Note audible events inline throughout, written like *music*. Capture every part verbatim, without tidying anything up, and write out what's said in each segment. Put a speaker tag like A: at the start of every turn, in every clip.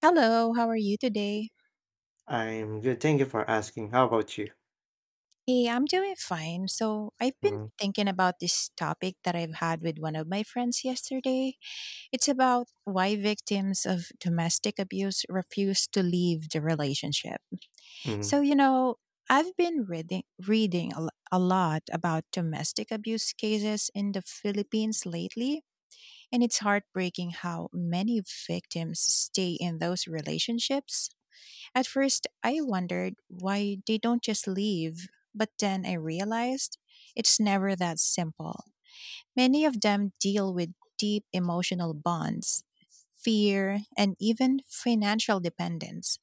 A: Hello, how are you today?
B: I'm good. Thank you for asking. How about you?
A: Hey, I'm doing fine. So, I've been
B: Mm.
A: thinking about this topic that I've had with one of my friends yesterday. It's about why victims of domestic abuse refuse to leave the relationship.
B: Mm.
A: So, you know, I've been reading reading a, lo- a lot about domestic abuse cases in the Philippines lately, and it's heartbreaking how many victims stay in those relationships. At first, I wondered why they don't just leave, but then I realized it's never that simple. Many of them deal with deep emotional bonds, fear, and even financial dependence.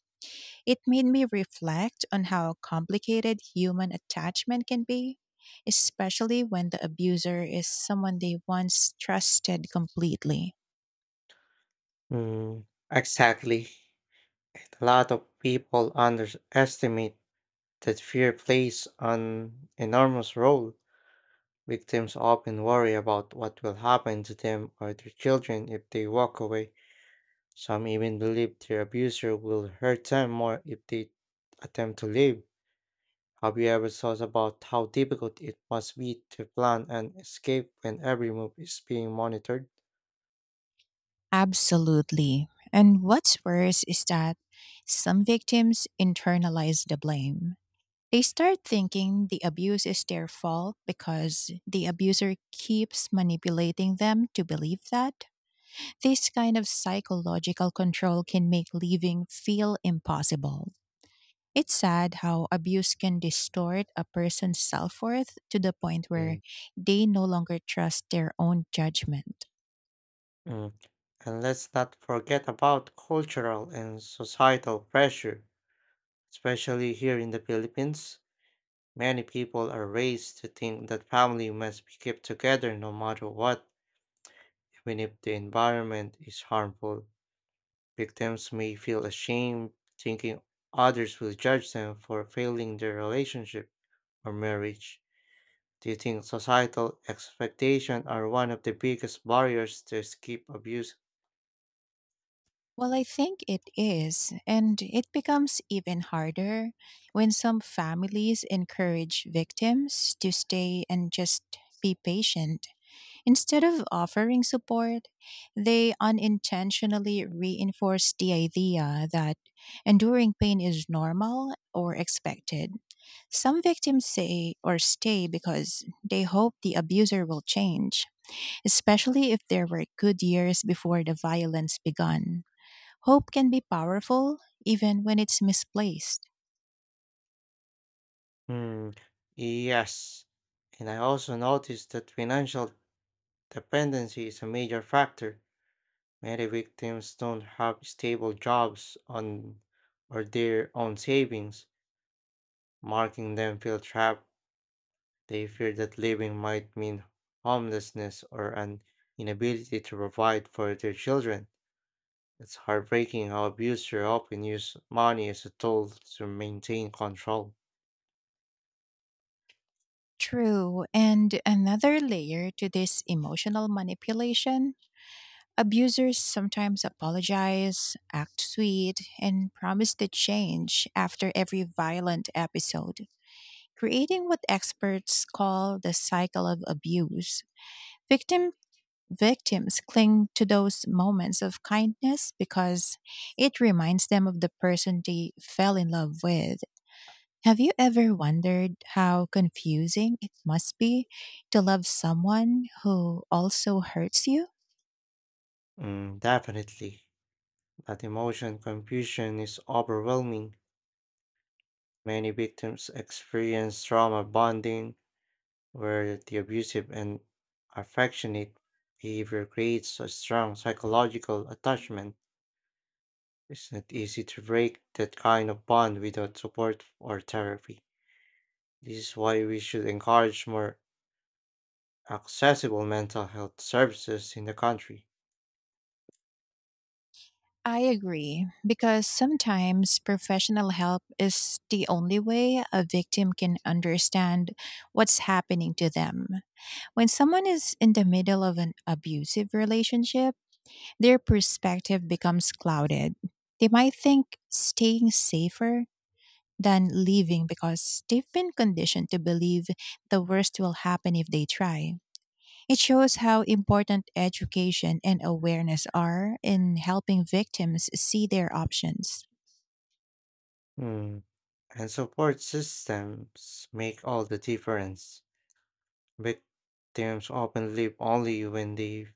A: It made me reflect on how complicated human attachment can be, especially when the abuser is someone they once trusted completely.
B: Mm. Exactly. A lot of people underestimate that fear plays an enormous role. Victims often worry about what will happen to them or their children if they walk away. Some even believe their abuser will hurt them more if they attempt to leave. Have you ever thought about how difficult it must be to plan and escape when every move is being monitored?
A: Absolutely. And what's worse is that some victims internalize the blame. They start thinking the abuse is their fault because the abuser keeps manipulating them to believe that. This kind of psychological control can make leaving feel impossible. It's sad how abuse can distort a person's self worth to the point where
B: Mm.
A: they no longer trust their own judgment.
B: Mm. And let's not forget about cultural and societal pressure. Especially here in the Philippines, many people are raised to think that family must be kept together no matter what, even if the environment is harmful. Victims may feel ashamed, thinking others will judge them for failing their relationship or marriage. Do you think societal expectations are one of the biggest barriers to escape abuse?
A: Well, I think it is, and it becomes even harder when some families encourage victims to stay and just be patient. Instead of offering support, they unintentionally reinforce the idea that enduring pain is normal or expected. Some victims say or stay because they hope the abuser will change, especially if there were good years before the violence begun. Hope can be powerful even when it's misplaced.
B: Hmm, yes. And I also noticed that financial dependency is a major factor. Many victims don't have stable jobs on or their own savings, marking them feel trapped. They fear that living might mean homelessness or an inability to provide for their children. It's heartbreaking how abusers often use money as a tool to maintain control.
A: True, and another layer to this emotional manipulation, abusers sometimes apologize, act sweet, and promise to change after every violent episode, creating what experts call the cycle of abuse. Victim Victims cling to those moments of kindness because it reminds them of the person they fell in love with. Have you ever wondered how confusing it must be to love someone who also hurts you?
B: Mm, definitely. That emotion confusion is overwhelming. Many victims experience trauma bonding, where the abusive and affectionate behavior creates a strong psychological attachment. It's not easy to break that kind of bond without support or therapy. This is why we should encourage more accessible mental health services in the country.
A: I agree, because sometimes professional help is the only way a victim can understand what's happening to them. When someone is in the middle of an abusive relationship, their perspective becomes clouded. They might think staying safer than leaving because they've been conditioned to believe the worst will happen if they try. It shows how important education and awareness are in helping victims see their options.
B: Hmm, And support systems make all the difference. Victims often live only when they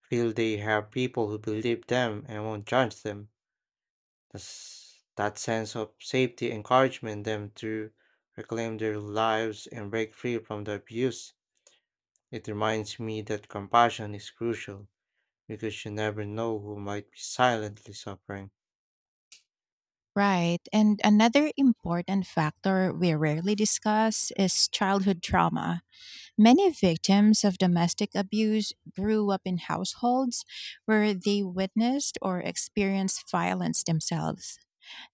B: feel they have people who believe them and won't judge them. This, that sense of safety encouragement them to reclaim their lives and break free from the abuse. It reminds me that compassion is crucial because you never know who might be silently suffering.
A: Right. And another important factor we rarely discuss is childhood trauma. Many victims of domestic abuse grew up in households where they witnessed or experienced violence themselves.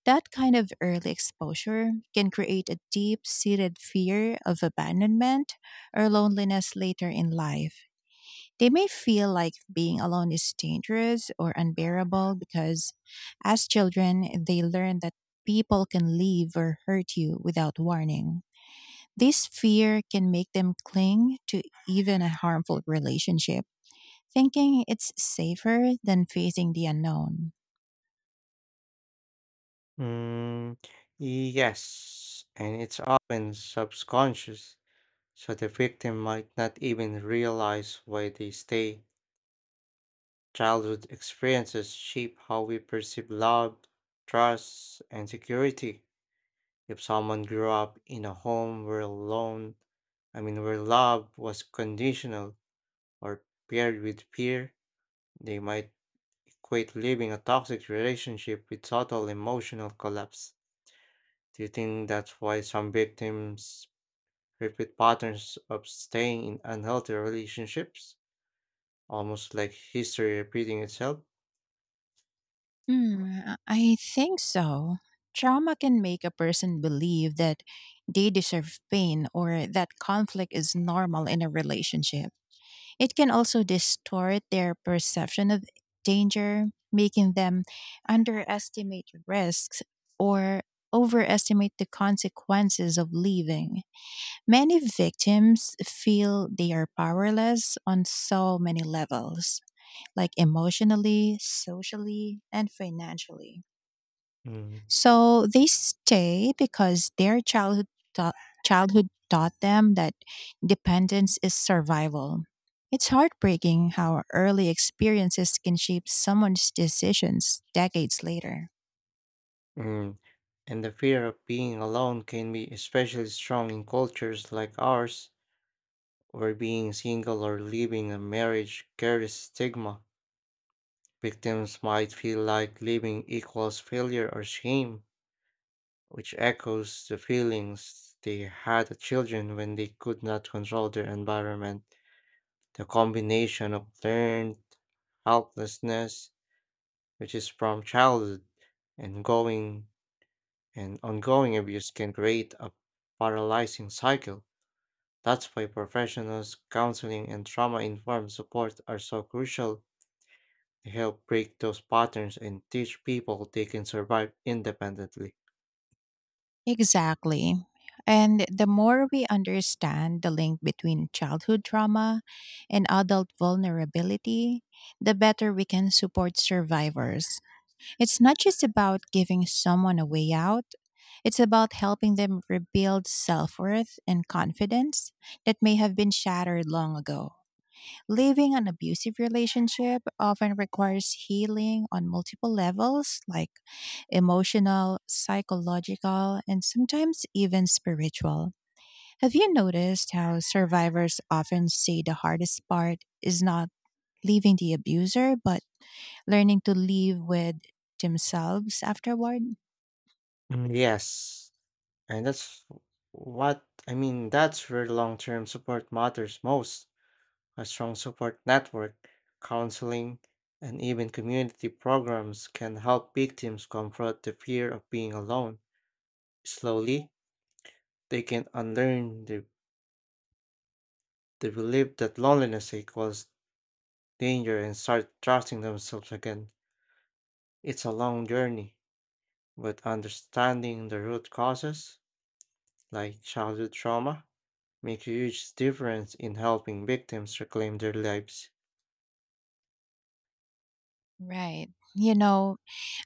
A: That kind of early exposure can create a deep seated fear of abandonment or loneliness later in life. They may feel like being alone is dangerous or unbearable because, as children, they learn that people can leave or hurt you without warning. This fear can make them cling to even a harmful relationship, thinking it's safer than facing the unknown.
B: Mm, yes, and it's often subconscious, so the victim might not even realize why they stay. Childhood experiences shape how we perceive love, trust, and security. If someone grew up in a home where alone, I mean, where love was conditional or paired with fear, they might equate living a toxic relationship with total emotional collapse. Do you think that's why some victims repeat patterns of staying in unhealthy relationships, almost like history repeating itself?
A: Mm, I think so. Trauma can make a person believe that they deserve pain or that conflict is normal in a relationship. It can also distort their perception of danger, making them underestimate risks or overestimate the consequences of leaving. Many victims feel they are powerless on so many levels, like emotionally, socially, and financially.
B: Mm.
A: So they stay because their childhood taught, childhood taught them that dependence is survival. It's heartbreaking how early experiences can shape someone's decisions decades later.
B: Mm, And the fear of being alone can be especially strong in cultures like ours, where being single or leaving a marriage carries stigma. Victims might feel like leaving equals failure or shame, which echoes the feelings they had as children when they could not control their environment. The combination of learned helplessness, which is from childhood, and going and ongoing abuse can create a paralyzing cycle. That's why professionals, counseling, and trauma informed support are so crucial to help break those patterns and teach people they can survive independently.
A: Exactly. And the more we understand the link between childhood trauma and adult vulnerability, the better we can support survivors. It's not just about giving someone a way out, it's about helping them rebuild self worth and confidence that may have been shattered long ago. Leaving an abusive relationship often requires healing on multiple levels, like emotional, psychological, and sometimes even spiritual. Have you noticed how survivors often say the hardest part is not leaving the abuser, but learning to live with themselves afterward?
B: Mm, Yes, and that's what I mean, that's where long term support matters most. A strong support network, counseling, and even community programs can help victims confront the fear of being alone. Slowly, they can unlearn the, the belief that loneliness equals danger and start trusting themselves again. It's a long journey, but understanding the root causes, like childhood trauma, make a huge difference in helping victims reclaim their lives.
A: Right. You know,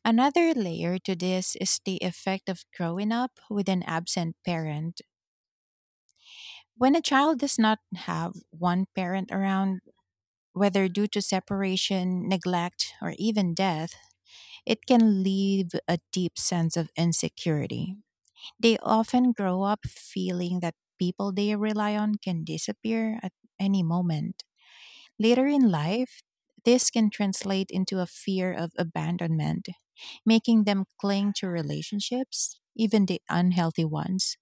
A: another layer to this is the effect of growing up with an absent parent. When a child does not have one parent around, whether due to separation, neglect, or even death, it can leave a deep sense of insecurity. They often grow up feeling that people they rely on can disappear at any moment. Later in life, this can translate into a fear of abandonment, making them cling to relationships, even the unhealthy ones,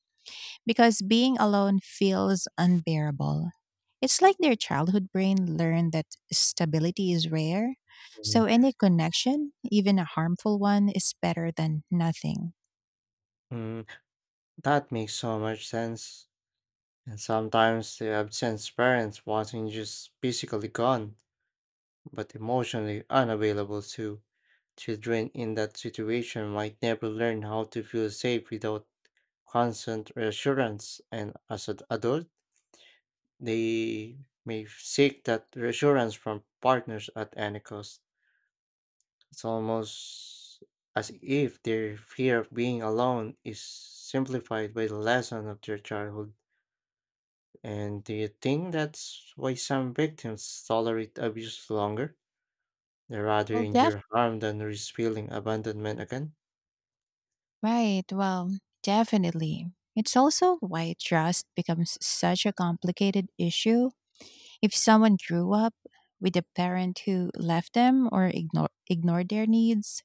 A: because being alone feels unbearable. It's like their childhood brain learned that stability is rare, so
B: Mhm.
A: any connection, even a harmful one, is better than nothing.
B: Mm, that makes so much sense. And sometimes the absent parents wasn't just physically gone, but emotionally unavailable too. Children in that situation might never learn how to feel safe without constant reassurance, and as an adult, they may seek that reassurance from partners at any cost. It's almost as if their fear of being alone is simplified by the lesson of their childhood. And do you think that's why some victims tolerate abuse longer? They rather
A: Well, def-
B: endure harm than risk feeling abandonment again.
A: right. Well, definitely. It's also why trust becomes such a complicated issue. If someone grew up with a parent who left them or ignore, ignored their needs,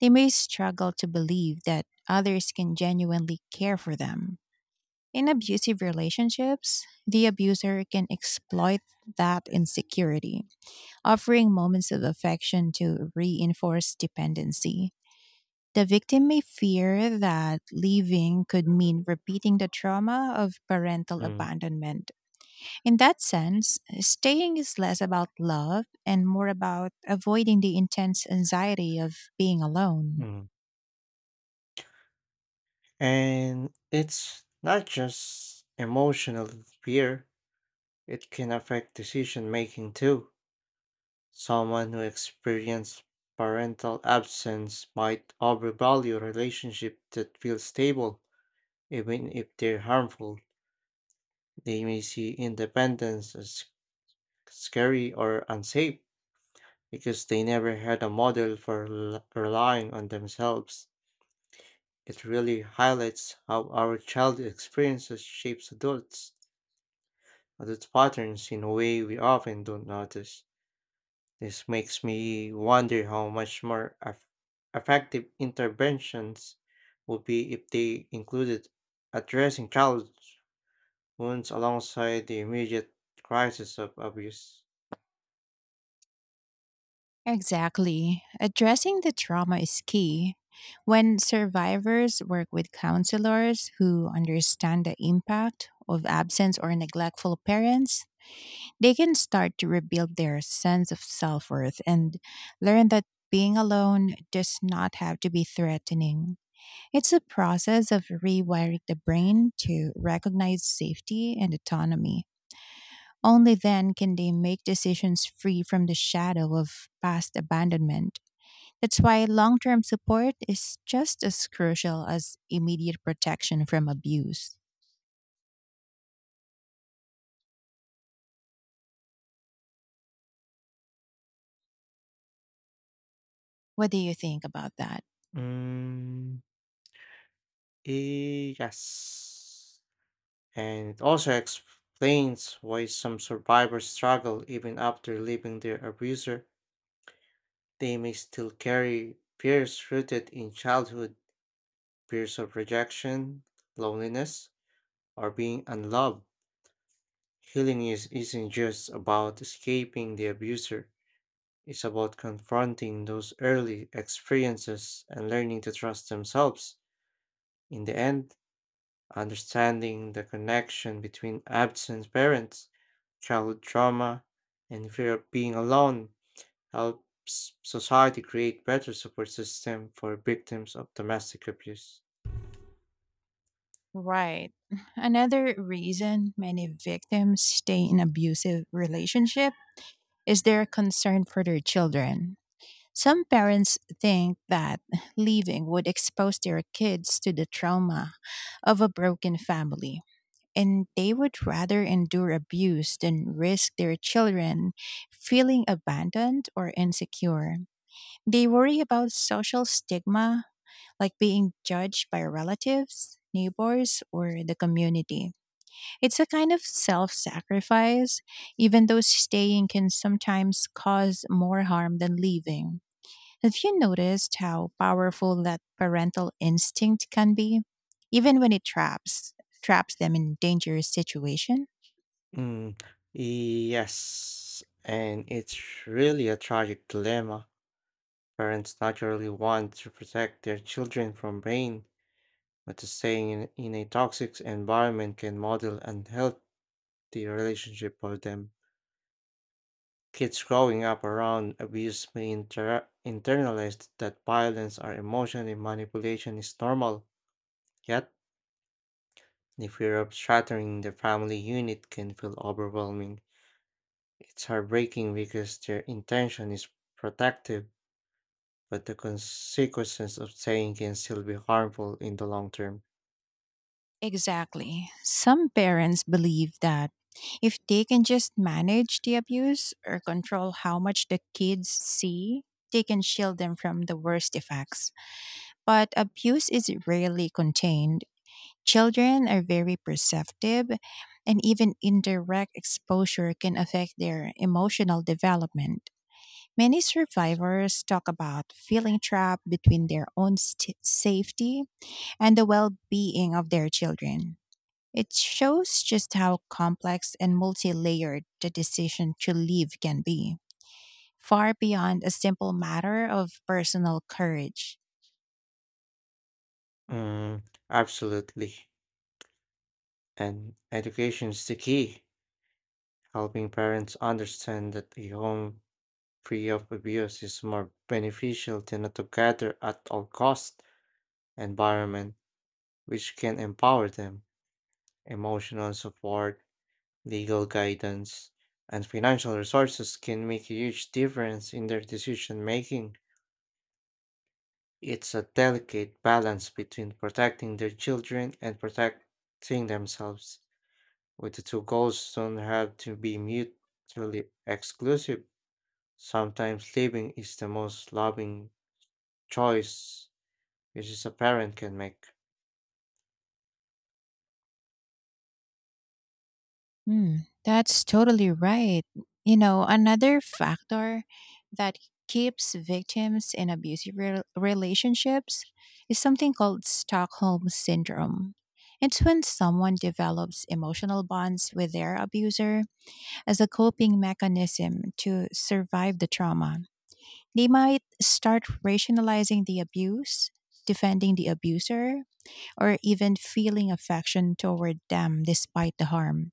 A: they may struggle to believe that others can genuinely care for them. In abusive relationships, the abuser can exploit that insecurity, offering moments of affection to reinforce dependency. The victim may fear that leaving could mean repeating the trauma of parental
B: Mm.
A: abandonment. In that sense, staying is less about love and more about avoiding the intense anxiety of being alone.
B: Mm. And it's not just emotional fear, it can affect decision making too. Someone who experiences parental absence might overvalue relationships that feel stable, even if they're harmful. They may see independence as scary or unsafe because they never had a model for rel- relying on themselves. It really highlights how our childhood experiences shapes adults, adult patterns in a way we often don't notice. This makes me wonder how much more eff- effective interventions would be if they included addressing childhood wounds alongside the immediate crisis of abuse.
A: Exactly. Addressing the trauma is key. When survivors work with counselors who understand the impact of absence or neglectful parents, they can start to rebuild their sense of self worth and learn that being alone does not have to be threatening. It's a process of rewiring the brain to recognize safety and autonomy. Only then can they make decisions free from the shadow of past abandonment. That's why long term support is just as crucial as immediate protection from abuse. What do you think about that?
B: Mm, eh, yes. And it also explains why some survivors struggle even after leaving their abuser. They may still carry fears rooted in childhood, fears of rejection, loneliness, or being unloved. Healing is, isn't just about escaping the abuser, it's about confronting those early experiences and learning to trust themselves. In the end, understanding the connection between absent parents, childhood trauma, and fear of being alone helps society create better support system for victims of domestic abuse.
A: Right. *sighs* Another reason many victims stay in abusive relationship is their concern for their children. Some parents think that leaving would expose their kids to the trauma of a broken family, and they would rather endure abuse than risk their children feeling abandoned or insecure. They worry about social stigma, like being judged by relatives, neighbors, or the community. It's a kind of self sacrifice, even though staying can sometimes cause more harm than leaving. Have you noticed how powerful that parental instinct can be, even when it traps traps them in dangerous situation?
B: Mm, yes, and it's really a tragic dilemma. Parents naturally want to protect their children from pain, but staying in, in a toxic environment can model unhealthy relationship for them. Kids growing up around abuse may inter- internalize that violence or emotional manipulation is normal, yet the fear of shattering the family unit can feel overwhelming. It's heartbreaking because their intention is protective, but the consequences of staying can still be harmful in the long term.
A: Exactly. Some parents believe that if they can just manage the abuse or control how much the kids see, they can shield them from the worst effects. But abuse is rarely contained. Children are very perceptive, and even indirect exposure can affect their emotional development. Many survivors talk about feeling trapped between their own st- safety and the well being of their children. It shows just how complex and multi layered the decision to leave can be, far beyond a simple matter of personal courage.
B: Mm, absolutely. And education is the key. Helping parents understand that a home free of abuse is more beneficial than a together at all cost environment, which can empower them. Emotional support, legal guidance, and financial resources can make a huge difference in their decision making. It's a delicate balance between protecting their children and protecting themselves. With the two goals don't have to be mutually exclusive. Sometimes leaving is the most loving choice which is a parent can make.
A: Hmm, that's totally right. You know, another factor that keeps victims in abusive rel relationships is something called Stockholm Syndrome. It's when someone develops emotional bonds with their abuser as a coping mechanism to survive the trauma. They might start rationalizing the abuse, defending the abuser, or even feeling affection toward them despite the harm.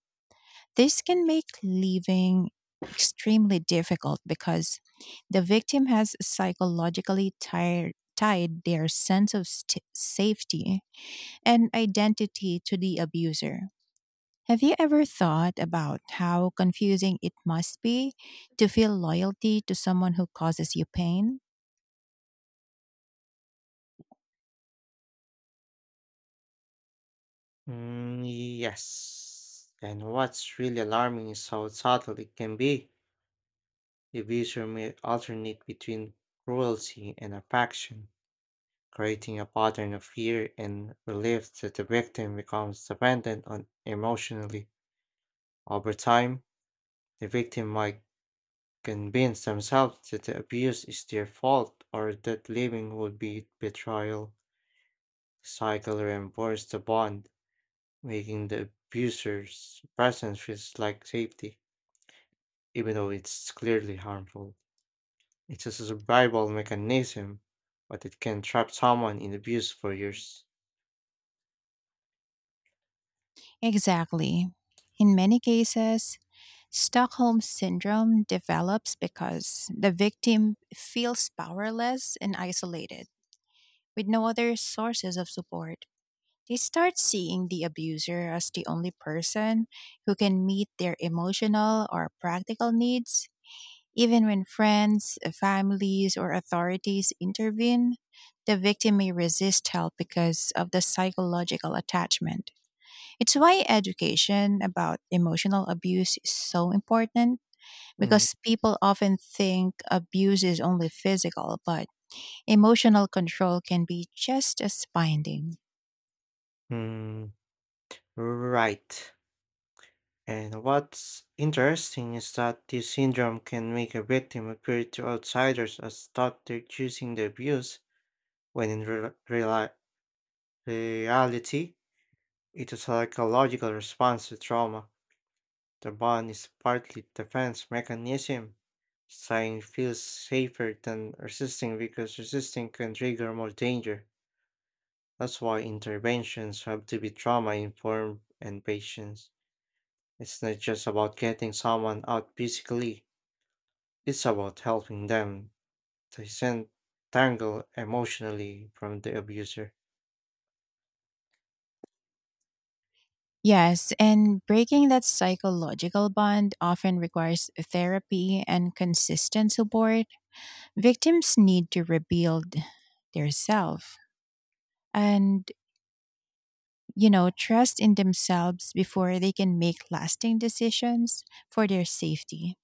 A: This can make leaving extremely difficult because the victim has psychologically tired, tied their sense of st- safety and identity to the abuser. Have you ever thought about how confusing it must be to feel loyalty to someone who causes you pain?
B: Mm, yes. And what's really alarming is how subtle it can be. The user may alternate between cruelty and affection, creating a pattern of fear and relief that the victim becomes dependent on emotionally. Over time, the victim might convince themselves that the abuse is their fault or that leaving would be betrayal. The cycle reinforces the bond, making the abuser's presence feels like safety, even though it's clearly harmful. It's a survival mechanism, but it can trap someone in abuse for years.
A: Exactly. In many cases, Stockholm syndrome develops because the victim feels powerless and isolated, with no other sources of support. They start seeing the abuser as the only person who can meet their emotional or practical needs. Even when friends, families, or authorities intervene, the victim may resist help because of the psychological attachment. It's why education about emotional abuse is so important because people often think abuse is only physical, but emotional control can be just as binding.
B: Mhm. Right. And what's interesting is that this syndrome can make a victim appear to outsiders as though they're choosing the abuse when in re- reali- reality, it's a psychological response to trauma. The bond is partly defense mechanism. Sighing feels safer than resisting because resisting can trigger more danger. That's why interventions have to be trauma informed and patient. It's not just about getting someone out physically, it's about helping them disentangle emotionally from the abuser.
A: Yes, and breaking that psychological bond often requires therapy and consistent support. Victims need to rebuild their self and, you know, trust in themselves before they can make lasting decisions for their safety.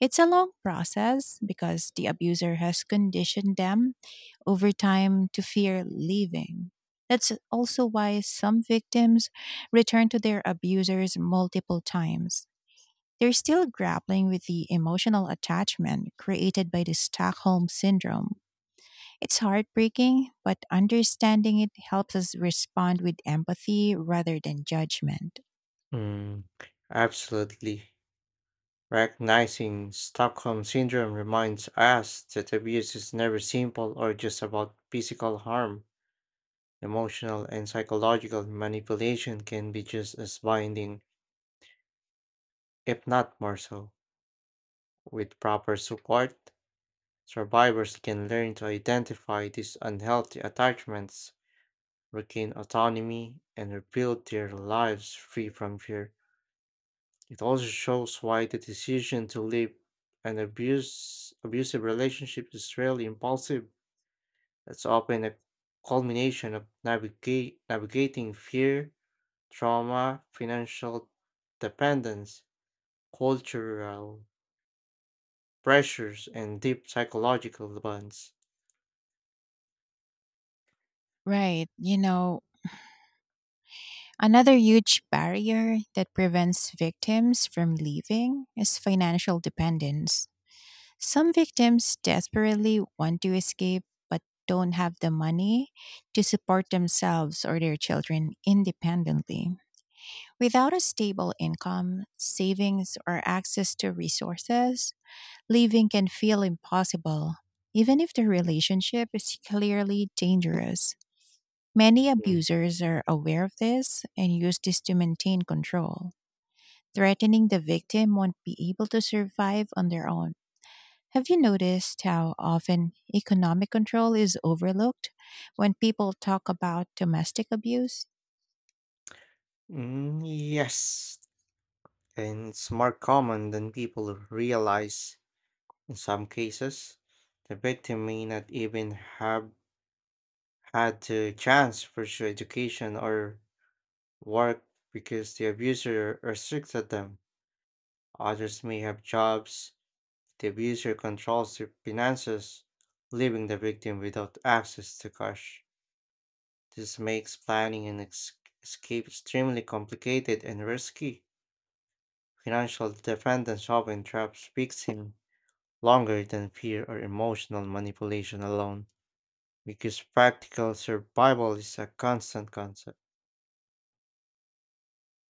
A: It's a long process because the abuser has conditioned them over time to fear leaving. That's also why some victims return to their abusers multiple times. They're still grappling with the emotional attachment created by the Stockholm Syndrome. It's heartbreaking, but understanding it helps us respond with empathy rather than judgment.
B: Mm, absolutely. Recognizing Stockholm Syndrome reminds us that abuse is never simple or just about physical harm. Emotional and psychological manipulation can be just as binding, if not more so. With proper support, survivors can learn to identify these unhealthy attachments, regain autonomy, and rebuild their lives free from fear. It also shows why the decision to leave an abuse, abusive relationship is rarely impulsive. That's often a culmination of navigate, navigating fear, trauma, financial dependence, cultural pressures, and deep psychological bonds.
A: Right. You know, another huge barrier that prevents victims from leaving is financial dependence. Some victims desperately want to escape but don't have the money to support themselves or their children independently. Without a stable income, savings, or access to resources, living can feel impossible, even if the relationship is clearly dangerous. Many
B: Mm.
A: abusers are aware of this and use this to maintain control. Threatening the victim won't be able to survive on their own. Have you noticed how often economic control is overlooked when people talk about domestic abuse?
B: Mm, yes, and it's more common than people realize in some cases. The victim may not even have had the chance to pursue education or work because the abuser restricted them. Others may have jobs. The abuser controls their finances, leaving the victim without access to cash. This makes planning an ex- escape extremely complicated and risky. Financial dependence often traps victims longer than fear or emotional manipulation alone, because practical survival is a constant concept.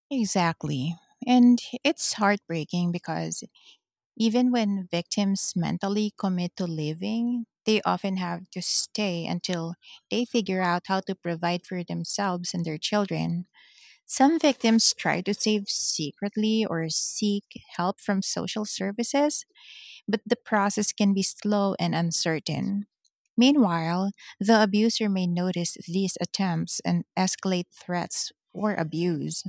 A: Exactly. And it's heartbreaking because even when victims mentally commit to leaving, they often have to stay until they figure out how to provide for themselves and their children. Some victims try to save secretly or seek help from social services, but the process can be slow and uncertain. Meanwhile, the abuser may notice these attempts and escalate threats or abuse.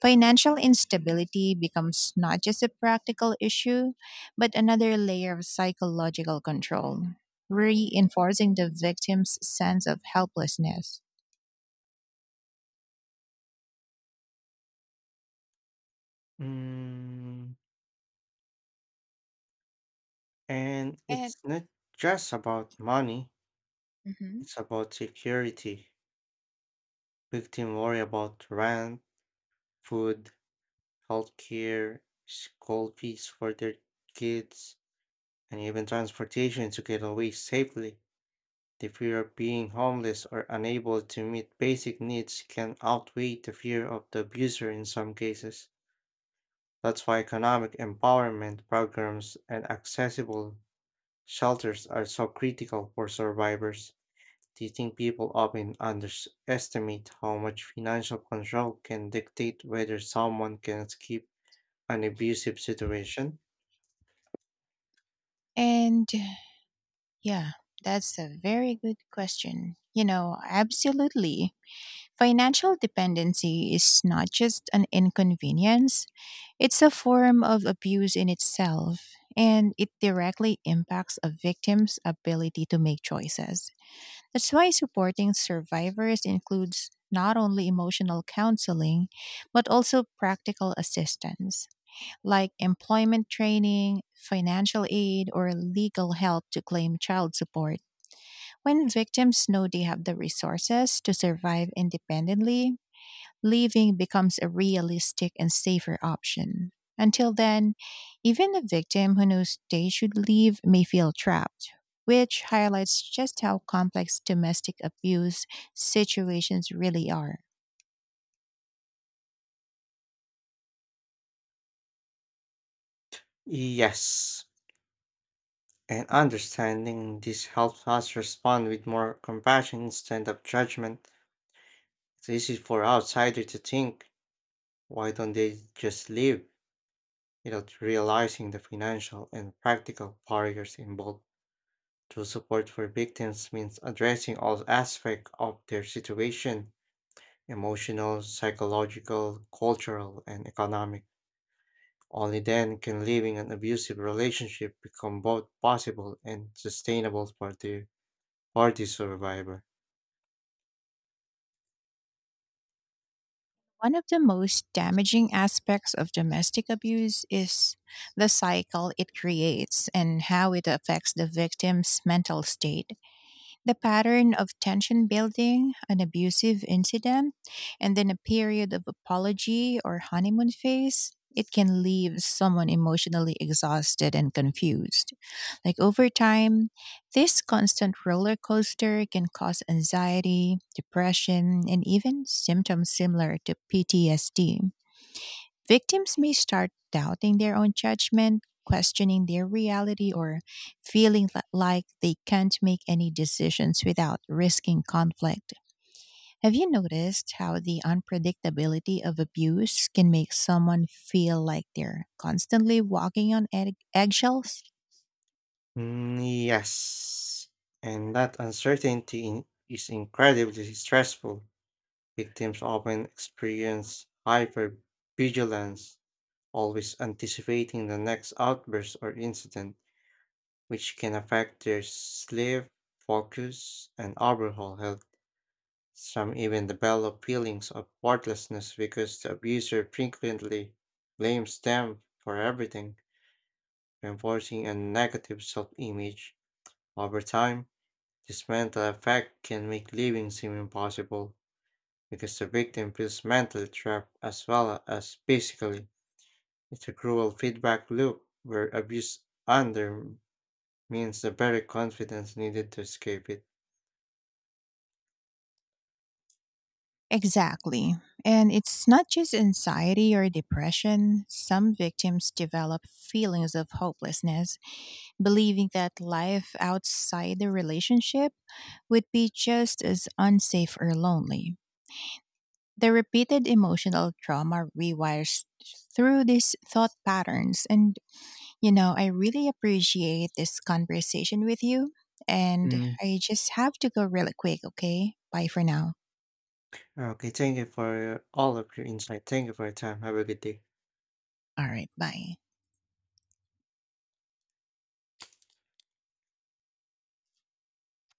A: Financial instability becomes not just a practical issue, but another layer of psychological control, reinforcing the victim's sense of helplessness.
B: Mm, and
A: And,
B: it's not just about money,
A: mhm.
B: it's about security. Victims worry about rent, food, healthcare, school fees for their kids, and even transportation to get away safely. The fear of being homeless or unable to meet basic needs can outweigh the fear of the abuser in some cases. That's why economic empowerment programs and accessible shelters are so critical for survivors. Do you think people often underestimate how much financial control can dictate whether someone can escape an abusive situation?
A: And yeah, that's a very good question. You know, absolutely. Financial dependency is not just an inconvenience, it's a form of abuse in itself, and it directly impacts a victim's ability to make choices. That's why supporting survivors includes not only emotional counseling, but also practical assistance, like employment training, financial aid, or legal help to claim child support. When victims know they have the resources to survive independently, leaving becomes a realistic and safer option. Until then, even a victim who knows they should leave may feel trapped, which highlights just how complex domestic abuse situations really are.
B: Yes, and understanding this helps us respond with more compassion instead of judgment. It's easy for outsiders to think, "why don't they just leave?" without realizing the financial and practical barriers involved. True support for victims means addressing all aspects of their situation, emotional, psychological, cultural, and economic. Only then can leaving an abusive relationship become both possible and sustainable for their Party survivor.
A: One of the most damaging aspects of domestic abuse is the cycle it creates and how it affects the victim's mental state. The pattern of tension building, an abusive incident, and then a period of apology or honeymoon phase, it can leave someone emotionally exhausted and confused. Like over time, this constant roller coaster can cause anxiety, depression, and even symptoms similar to P T S D. Victims may start doubting their own judgment, questioning their reality, or feeling li- like they can't make any decisions without risking conflict. Have you noticed how the unpredictability of abuse can make someone feel like they're constantly walking on egg- eggshells?
B: Mm, yes. And that uncertainty in, is incredibly stressful. Victims often experience hypervigilance, always anticipating the next outburst or incident, which can affect their sleep, focus, and overall health. Some even develop feelings of worthlessness because the abuser frequently blames them for everything, reinforcing a negative self image. Over time, this mental effect can make living seem impossible because the victim feels mentally trapped as well as physically. It's a cruel feedback loop where abuse undermines the very confidence needed to escape it.
A: Exactly. And it's not just anxiety or depression. Some victims develop feelings of hopelessness, believing that life outside the relationship would be just as unsafe or lonely. The repeated emotional trauma rewires through these thought patterns. And, you know, I really appreciate this conversation with you. And
B: Mm.
A: I just have to go really quick, okay? Bye for now.
B: Okay, thank you for all of your insight. Thank you for your time. Have a good day.
A: All right, bye.